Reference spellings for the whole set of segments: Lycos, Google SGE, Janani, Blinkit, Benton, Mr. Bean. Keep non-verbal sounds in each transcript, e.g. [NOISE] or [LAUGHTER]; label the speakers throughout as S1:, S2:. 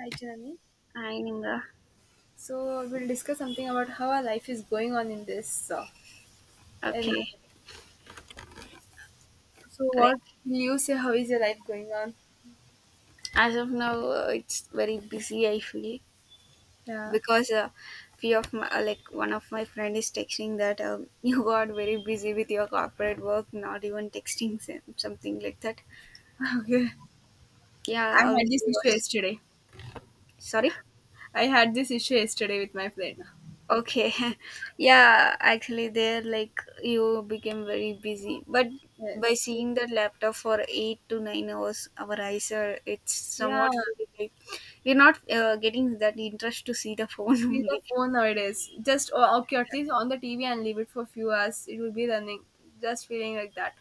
S1: Hi, Janani.
S2: Ininga.
S1: So we'll discuss something about how our life is going on in this. And
S2: Okay.
S1: so,
S2: Like
S1: what will you say? How is your life going on?
S2: as of now, it's very busy, I feel,
S1: Yeah.
S2: because few of my like one of my friend is texting that [LAUGHS] you got very busy with your corporate work, not even texting something like that.
S1: [LAUGHS] Okay. I
S2: Yeah,
S1: had
S2: obviously.
S1: this issue yesterday.
S2: Sorry.
S1: I had this issue yesterday with my friend.
S2: Okay. [LAUGHS] Yeah, actually there like you became very busy. But by
S1: Yes.
S2: seeing that laptop for 8 to 9 hours our eyes are, it's
S1: Yeah.
S2: somewhat feeling like we're not getting that interest to see the phone [LAUGHS]
S1: See the
S2: only.
S1: phone nowadays. Just oh, okay, at least on the TV and leave it for a few hours. It will be running. Just feeling like that.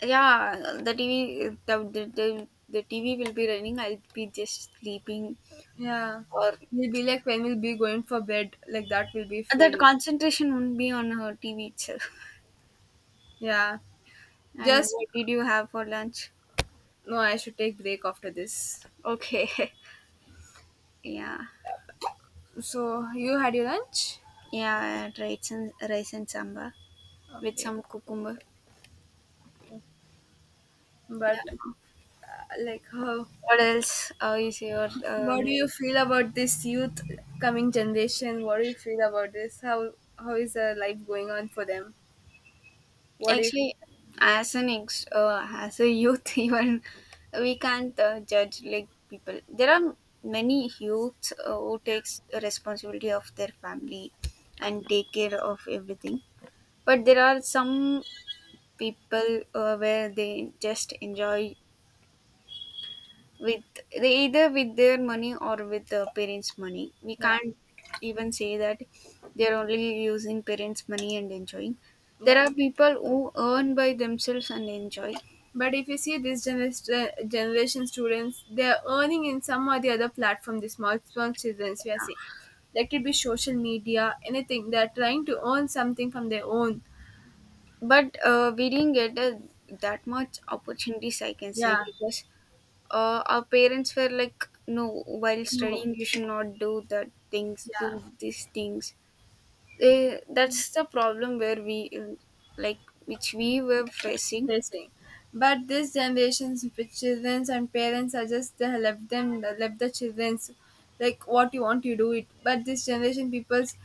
S2: Yeah, the TV the, the the the TV will be running, I'll be just sleeping,
S1: Yeah.
S2: or
S1: We'll be like when we'll be going for bed. Like that we will be
S2: that
S1: feeling.
S2: concentration won't be on her TV itself.
S1: Yeah.
S2: [LAUGHS] And
S1: Just
S2: what did you have for lunch?
S1: no. I should take break after this.
S2: Okay. [LAUGHS] Yeah.
S1: So you had your lunch?
S2: Yeah, I had rice and samba with
S1: Okay.
S2: some cucumber.
S1: But
S2: Yeah.
S1: like how,
S2: What else is your
S1: what do you
S2: main?
S1: feel about this youth coming generation? What do you feel about this? How is the life going on for them? What if?
S2: Actually, as a youth, [LAUGHS] even we can't judge like people. There are many youths who takes responsibility of their family and take care of everything, but there are some people where they just enjoy with they either with their money or with the parents' money. We
S1: Yeah,
S2: can't even say that they're only using parents' money and enjoying. There
S1: yeah.
S2: are people who earn by themselves and enjoy,
S1: But if you see this generation students, they're earning in some or the other platform, the small small childrens we are seeing. That could be social media, anything. They're trying to earn something from their own.
S2: but we didn't get that much opportunities, I can
S1: Yeah.
S2: say, because our parents were like, no, while
S1: No.
S2: studying, you should not do that things,
S1: Yeah.
S2: do these things. That's the problem where we like which we were facing.
S1: Racing. But this generation's with childrens and parents are just they have left them left the childrens, like what you want you do it. But this generation people's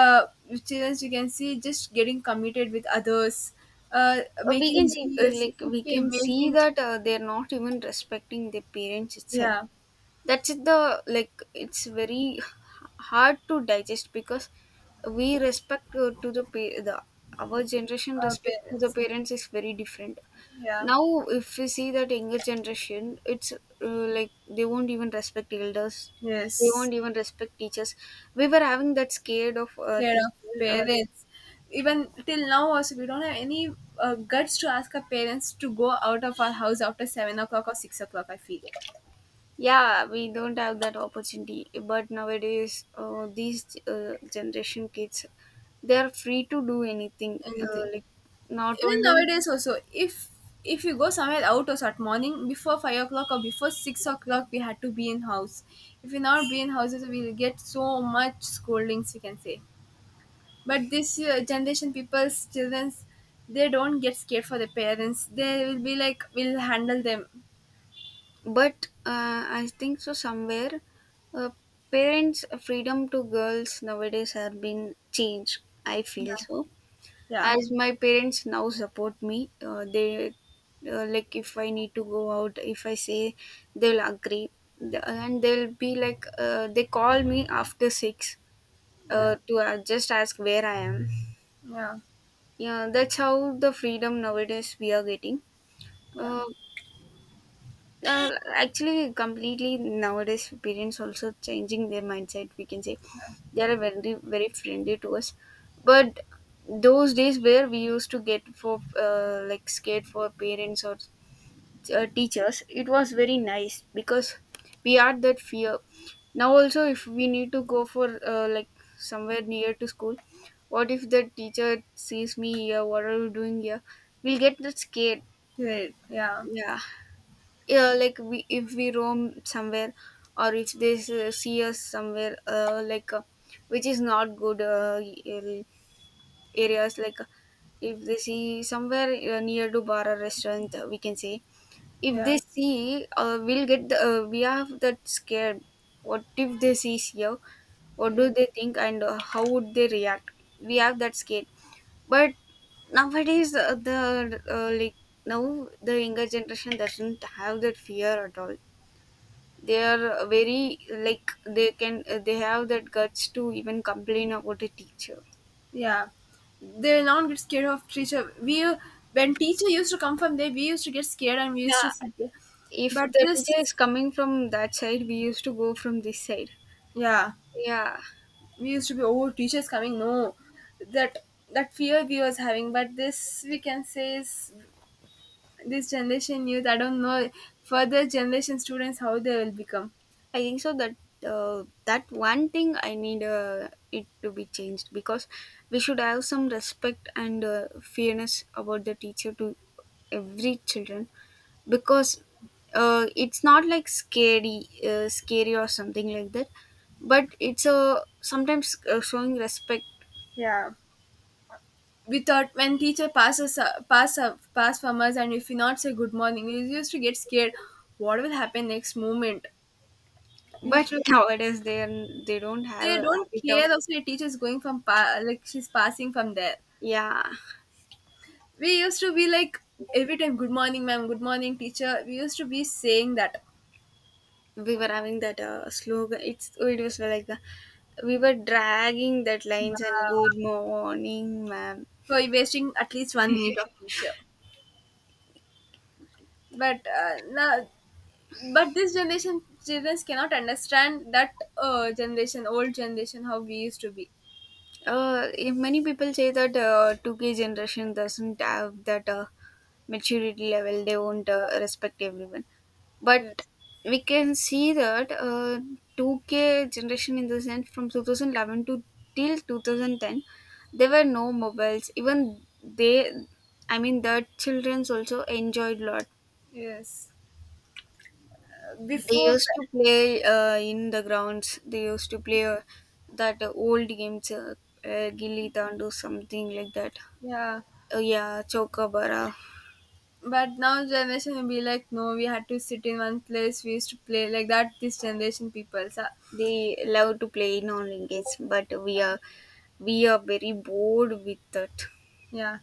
S1: uh childrens you can see just getting committed with others,
S2: We can
S1: making
S2: see
S1: yes,
S2: we
S1: okay,
S2: can see
S1: making,
S2: that they're not even respecting their parents itself.
S1: yeah,
S2: That's it, the like, it's very hard to digest because we respect the, our generation
S1: our
S2: respect to the
S1: parents,
S2: parents is very different.
S1: yeah,
S2: Now if we see that younger generation, it's like they won't even respect elders, they
S1: yes,
S2: won't even respect teachers. We were having that scared of
S1: care of
S2: teacher. uh, like,
S1: parents, even till now also we don't have any guts to ask our parents to go out of our house after 7 o'clock or 6 o'clock, I feel.
S2: yeah, we don't have that opportunity, but nowadays these generation kids, they are free to do anything,
S1: Anything.
S2: not
S1: Even
S2: only,
S1: nowadays also, if you go somewhere out or at morning before 5 o'clock or before 6 o'clock, we had to be in house. If we not be in houses, we'll get so much scoldings, we can say. But this generation people's children, they don't get scared for their parents. They will be like, we'll handle them.
S2: but I think so somewhere uh, parents freedom to girls nowadays have been changed, I
S1: Yeah,
S2: feel so.
S1: yeah,
S2: As my parents now support me, they like if I need to go out, if I say, they'll agree. And they'll be like, they call me after 6
S1: yeah,
S2: to just ask where I am.
S1: yeah,
S2: Yeah, that's how the freedom nowadays we are getting.
S1: yeah.
S2: Uh, actually, completely nowadays parents also changing their mindset, we can say. They are very very friendly to us, but those days where we used to get for like scared for parents or teachers, it was very nice because we had that fear. Now also, if we need to go for somewhere near to school, what if the teacher sees me here, what are you doing here, we'll get that scared.
S1: Great. Yeah.
S2: Yeah, yeah, like, we, if we roam somewhere or if they see us somewhere, which is not good, ar- areas like, if they see somewhere near to bar or restaurant, we can say, if
S1: Yeah,
S2: they see, we'll get the, we are that scared, what if they see here, what do
S1: yeah.
S2: they think, and how would they react, we have that scared. But nowadays the like now the younger generation doesn't have that fear at all. They are very like, they can they have that guts to even complain about a teacher.
S1: Yeah, they now get scared of teacher. We when teacher used to come from there, we used to get scared and we used to
S2: Yeah,
S1: sit there.
S2: if
S1: But
S2: the teacher is
S1: this,
S2: coming from that side, we used to go from this side.
S1: yeah,
S2: Yeah,
S1: we used to be, oh, teachers coming no, that that fear we was having. But this we can say is this generation youth. I don't know further generation students how they will become.
S2: I think so that that one thing I need it to be changed because we should have some respect and fairness about the teacher to every children because it's not like scary or something like that, but it's a sometimes showing respect.
S1: Yeah. We thought when teacher passes pass pass from us, and if we not say good morning, we used to get scared. What will happen next moment? We used
S2: But
S1: to.
S2: [LAUGHS] nowadays they are, they don't have
S1: They
S2: a
S1: don't
S2: habit of.
S1: care also, your teacher is going from pa- like she's passing from there,
S2: Yeah,
S1: we used to be like, every time good morning ma'am, good morning teacher, we used to be saying that,
S2: we were having that slogan, it's, it was like, we were dragging that lines and good morning ma'am.
S1: for wasting at least 1 minute of teacher. But now, but this generation children cannot understand that generation old generation, how we used to be.
S2: If many people say that 2k generation doesn't have that maturity level, they won't respect everyone, but
S1: Yes,
S2: we can see that 2k generation, in the sense from 2011 to till 2010 there were no mobiles even, they, I mean the children's also enjoyed lot.
S1: yes.
S2: They
S1: Before.
S2: used to play in the grounds. They used to play that old games, gilli dandu, something like that.
S1: Yeah,
S2: Yeah, chokabara.
S1: but now generation will be like, no, we had to sit in one place, we used to play like that, this generation people, so,
S2: They love to play in online games, but we are very bored with that.
S1: yeah,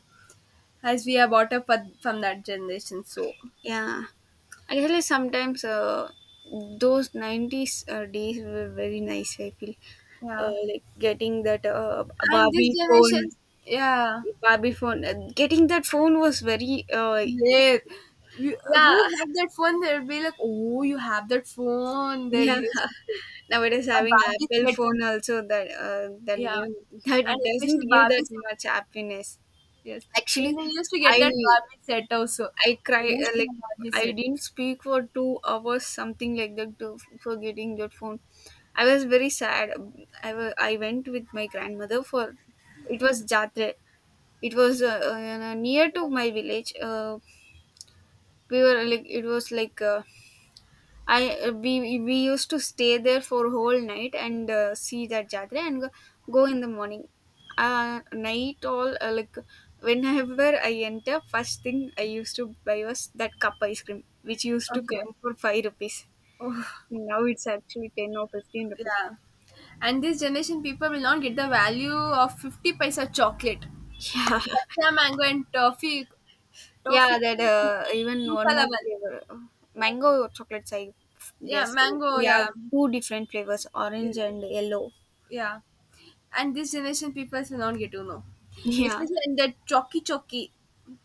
S1: as we are brought up with- from that generation. So
S2: Yeah, actually, sometimes those nineties days were very nice, I feel.
S1: yeah,
S2: Like getting that
S1: and this
S2: Barbie phone,
S1: generation, yeah,
S2: Getting that phone was very
S1: they, we, who
S2: yeah. [LAUGHS]
S1: have that phone? They'll be like, oh, you have that phone. They'll
S2: Yeah.
S1: use it.
S2: Nowadays,
S1: A
S2: having
S1: Barbie
S2: Apple
S1: set,
S2: phone also that that
S1: yeah,
S2: give [LAUGHS] that
S1: and
S2: doesn't
S1: especially
S2: give
S1: Barbie
S2: that much
S1: set.
S2: happiness.
S1: Yes, when
S2: Actually,
S1: they used to get
S2: I
S1: that Barbie set also.
S2: I cry
S1: Oh, she has Barbie
S2: I
S1: set.
S2: didn't speak for 2 hours, something like that, to, for getting that phone. I was very sad. I went with my grandmother for, it was Jatre. It was near to my village. We were like, it was like. I we used to stay there for whole night and see that jatra and go in the morning. Night all, whenever I enter, first thing I used to buy was that cup ice cream, which used to
S1: Okay.
S2: come for 5 rupees.
S1: Oh,
S2: Now it's actually 10 or 15 rupees.
S1: yeah. And this generation people will not get the value of 50 paisa chocolate.
S2: Yeah,
S1: Kacha mango and toffee.
S2: [LAUGHS] yeah.
S1: Toffee,
S2: That even
S1: Inca.
S2: one more flavor, mango chocolates. I
S1: Yeah,
S2: guess
S1: mango.
S2: we have
S1: Yeah,
S2: two different flavors,
S1: yeah.
S2: orange and yellow.
S1: Yeah. And this generation people will not get to know,
S2: [LAUGHS] Yeah.
S1: especially in that chalky chalky.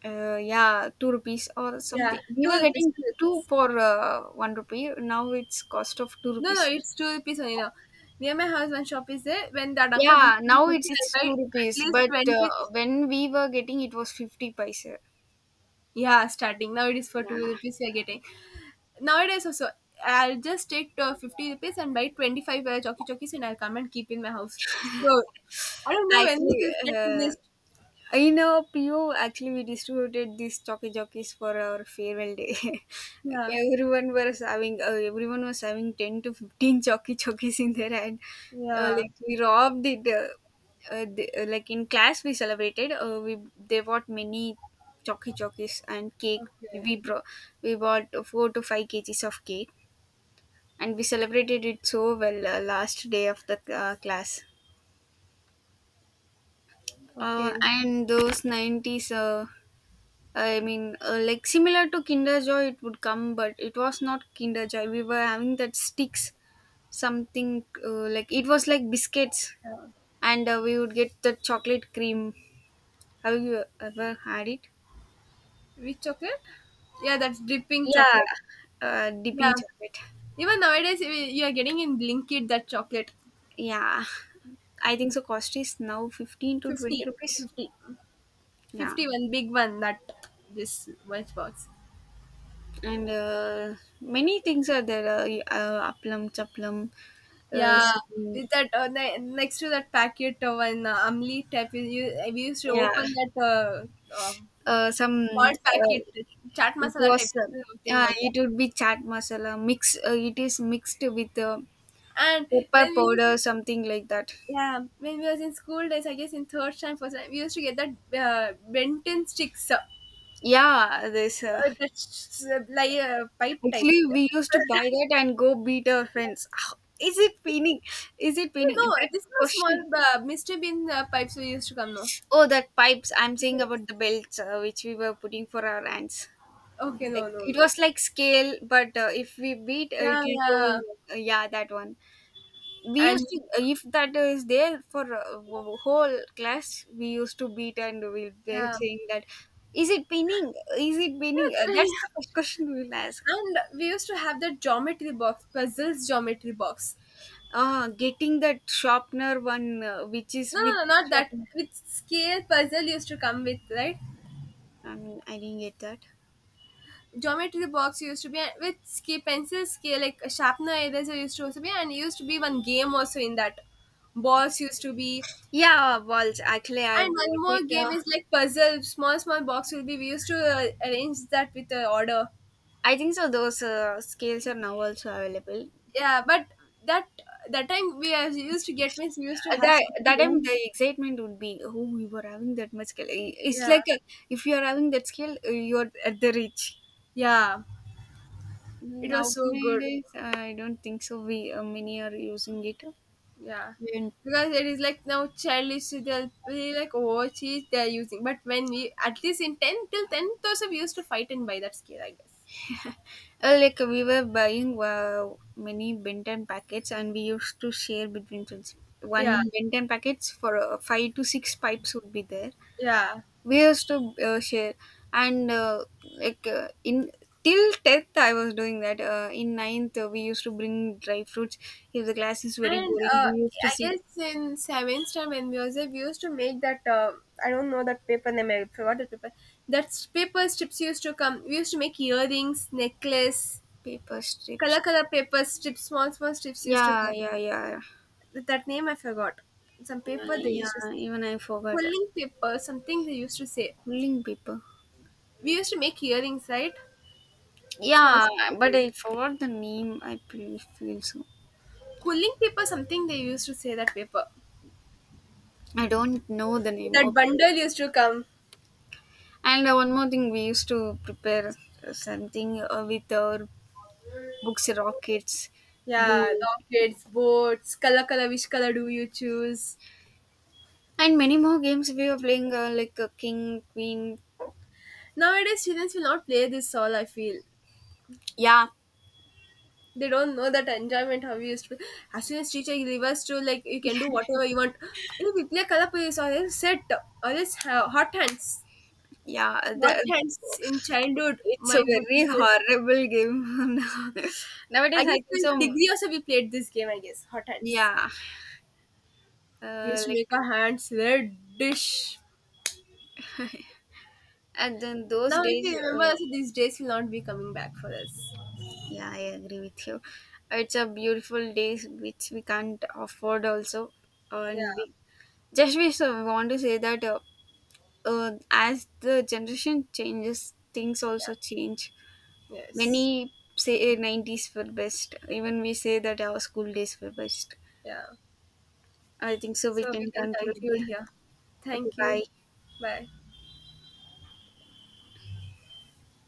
S2: Yeah, 2 rupees or
S1: Yeah,
S2: something. We
S1: two
S2: were
S1: rupees.
S2: getting
S1: Two
S2: two
S1: rupees.
S2: for 1 rupee. Now it's cost of two
S1: No, no,
S2: rupees.
S1: it's two rupees only now. Near my house, one shop is there. When that uncle brings
S2: Yeah,
S1: two
S2: now
S1: rupees,
S2: it's
S1: I buy
S2: two
S1: at
S2: rupees.
S1: least
S2: But
S1: 20.
S2: when we were getting, it was 50 paisa.
S1: Yeah, starting now it is for
S2: Yeah,
S1: two rupees. We are getting nowadays also. I'll just take 50 rupees and buy 25 chalky chalkies, and I'll come and keep in my house. So I don't
S2: [LAUGHS]
S1: know when this
S2: actually,
S1: will get
S2: uh,
S1: finished.
S2: in our PO, actually, we distributed these jockey jockeys for our farewell day.
S1: Yeah,
S2: [LAUGHS] Everyone was having everyone was having 10 to 15 jockey [LAUGHS] jockeys in their hand.
S1: yeah.
S2: Like we robbed it. Like in class, we celebrated. We they bought many jockey jockeys and cake.
S1: Okay,
S2: We brought we bought 4 to 5 kgs of cake, and we celebrated it so well last day of the class.
S1: okay.
S2: And those nineties. I mean, like similar to Kinder Joy, it would come, but it was not Kinder Joy. We were having that sticks, something like, it was like biscuits,
S1: Yeah.
S2: and we would get the chocolate cream. Have you ever had it?
S1: Which chocolate? Yeah, that's dripping
S2: Yeah,
S1: chocolate.
S2: dipping
S1: Yeah.
S2: chocolate.
S1: Even nowadays, y- you are getting in Blinkit that chocolate.
S2: Yeah, I think so. Cost is now 15 to 20
S1: 50, 50,
S2: rupees.
S1: 51
S2: Yeah,
S1: big one, that this lunch box.
S2: and many things are there. Aplam, chaplam, uh,
S1: Yeah.
S2: some-
S1: With that, ne- next to that packet of an Amli type, we used to
S2: yeah,
S1: open that um
S2: some.
S1: small packet, chaat
S2: It
S1: masala
S2: was
S1: type thing was that.
S2: it would be chaat masala mix. It is mixed with
S1: And
S2: pepper
S1: when we used
S2: powder,
S1: to.
S2: something like that.
S1: Yeah, when we was in school days, I guess in third time, first time, we used to get that Benton sticks,
S2: Yeah, this
S1: that s- s- like pipe type.
S2: actually
S1: [LAUGHS]
S2: we used to buy that and go beat our friends. Ow, is it pinning? Is it
S1: You
S2: pinning?
S1: know,
S2: That
S1: this was small
S2: question.
S1: Mr. Bean pipes we used to come, no?
S2: Oh, that pipes. I'm saying
S1: Wait.
S2: about the belts which we were putting for our ants.
S1: Okay,
S2: Like
S1: no, no,
S2: it
S1: no.
S2: was like scale, but if we beat, it
S1: Yeah,
S2: will go.
S1: yeah.
S2: Yeah, that one. We used
S1: And
S2: to, if that is there for a whole class, we used to beat, and we'll be
S1: yeah.
S2: saying that, is it pinning, is it pinning. That's the
S1: [LAUGHS]
S2: first question we'll ask.
S1: And we used to have that geometry box, puzzles geometry box.
S2: Getting that sharpener one which is
S1: No,
S2: with
S1: no, no, not that.
S2: sharpener
S1: With scale puzzle used to come with, right?
S2: I didn't get that.
S1: Geometry box used to be, and with sk- pencil scale like sharpener eraser used to also be, and used to be one game also in that, balls used to be.
S2: Yeah, balls, actually I
S1: And one
S2: bought
S1: more
S2: it.
S1: game is like puzzle, small small box will be, we used to arrange that with the order.
S2: I think so those scales are now also available.
S1: Yeah, but that that time we used to get, means we used to have
S2: That that time
S1: something,
S2: the excitement would be, oh, we were having that much scale, it's
S1: yeah,
S2: like a, if you are having that skill, you are at the rich.
S1: yeah, it was so good.
S2: Nowadays, I don't think so. We many are using it.
S1: Yeah,
S2: And,
S1: because it is like now childish. So they'll be like, oh, cheese they're using. But when we at least in 10 till 10, 10,000, we used to fight and buy that scale, I guess.
S2: [LAUGHS] uh, we were buying many Benton packets, and we used to share between friends.
S1: Yeah,
S2: One Benton packets for 5 to 6 pipes would be there.
S1: yeah.
S2: We used to share, and in till tenth, I was doing that. In ninth, we used to bring dry fruits. If the class is very
S1: And
S2: boring, we used to
S1: I
S2: sit.
S1: guess in seventh time when we was there, we used to make that. I don't know that paper name. I forgot the paper. That s- paper strips used to come. We used to make earrings, necklace,
S2: Paper
S1: color
S2: strips.
S1: color paper strips, small small strips used to
S2: Yeah,
S1: come.
S2: yeah, yeah.
S1: That name I forgot. Some paper they used to.
S2: Yeah, even I forgot.
S1: Pulling paper, something they used to say.
S2: Pulling paper.
S1: We used to make earrings, right? Small.
S2: Yeah,
S1: Small
S2: but
S1: earrings.
S2: I forgot the name, feel so.
S1: Quilling paper, something they used to say that paper.
S2: I don't know the name
S1: That
S2: of it.
S1: bundle used to come.
S2: And one more thing, we used to prepare something with our books, rockets,
S1: Yeah,
S2: boom,
S1: lockets, boats, color, color, which color do you choose?
S2: and many more games we were playing, King, Queen.
S1: Nowadays, students will not play this all, I feel.
S2: Yeah,
S1: They don't know that enjoyment how we used to. As soon as teacher leave us to, like, you can do whatever you want. Hey, we play color police or else set, or else ha- hot hands.
S2: yeah.
S1: Hot
S2: The,
S1: hands in childhood,
S2: it's a
S1: my
S2: very
S1: goodness.
S2: horrible game. [LAUGHS]
S1: I
S2: Nowadays,
S1: guess
S2: I think
S1: in
S2: so.
S1: degree also we played this game, I guess. Hot hands.
S2: Yeah,
S1: We
S2: uh,
S1: used to
S2: like
S1: make our hands reddish.
S2: and then those
S1: Now if
S2: days,
S1: you remember also these days will not be coming back for us.
S2: yeah, I agree with you. It's a beautiful days which we can't afford also,
S1: Yeah,
S2: and we, just we so want to say that as the generation changes, things
S1: yeah.
S2: also change.
S1: Yes.
S2: Many say nineties were best. Even we say that our school days were best.
S1: Yeah.
S2: I think so. We
S1: So we
S2: can
S1: can
S2: conclude
S1: conclude
S2: here.
S1: here.
S2: Okay,
S1: Thank you.
S2: bye.
S1: Bye.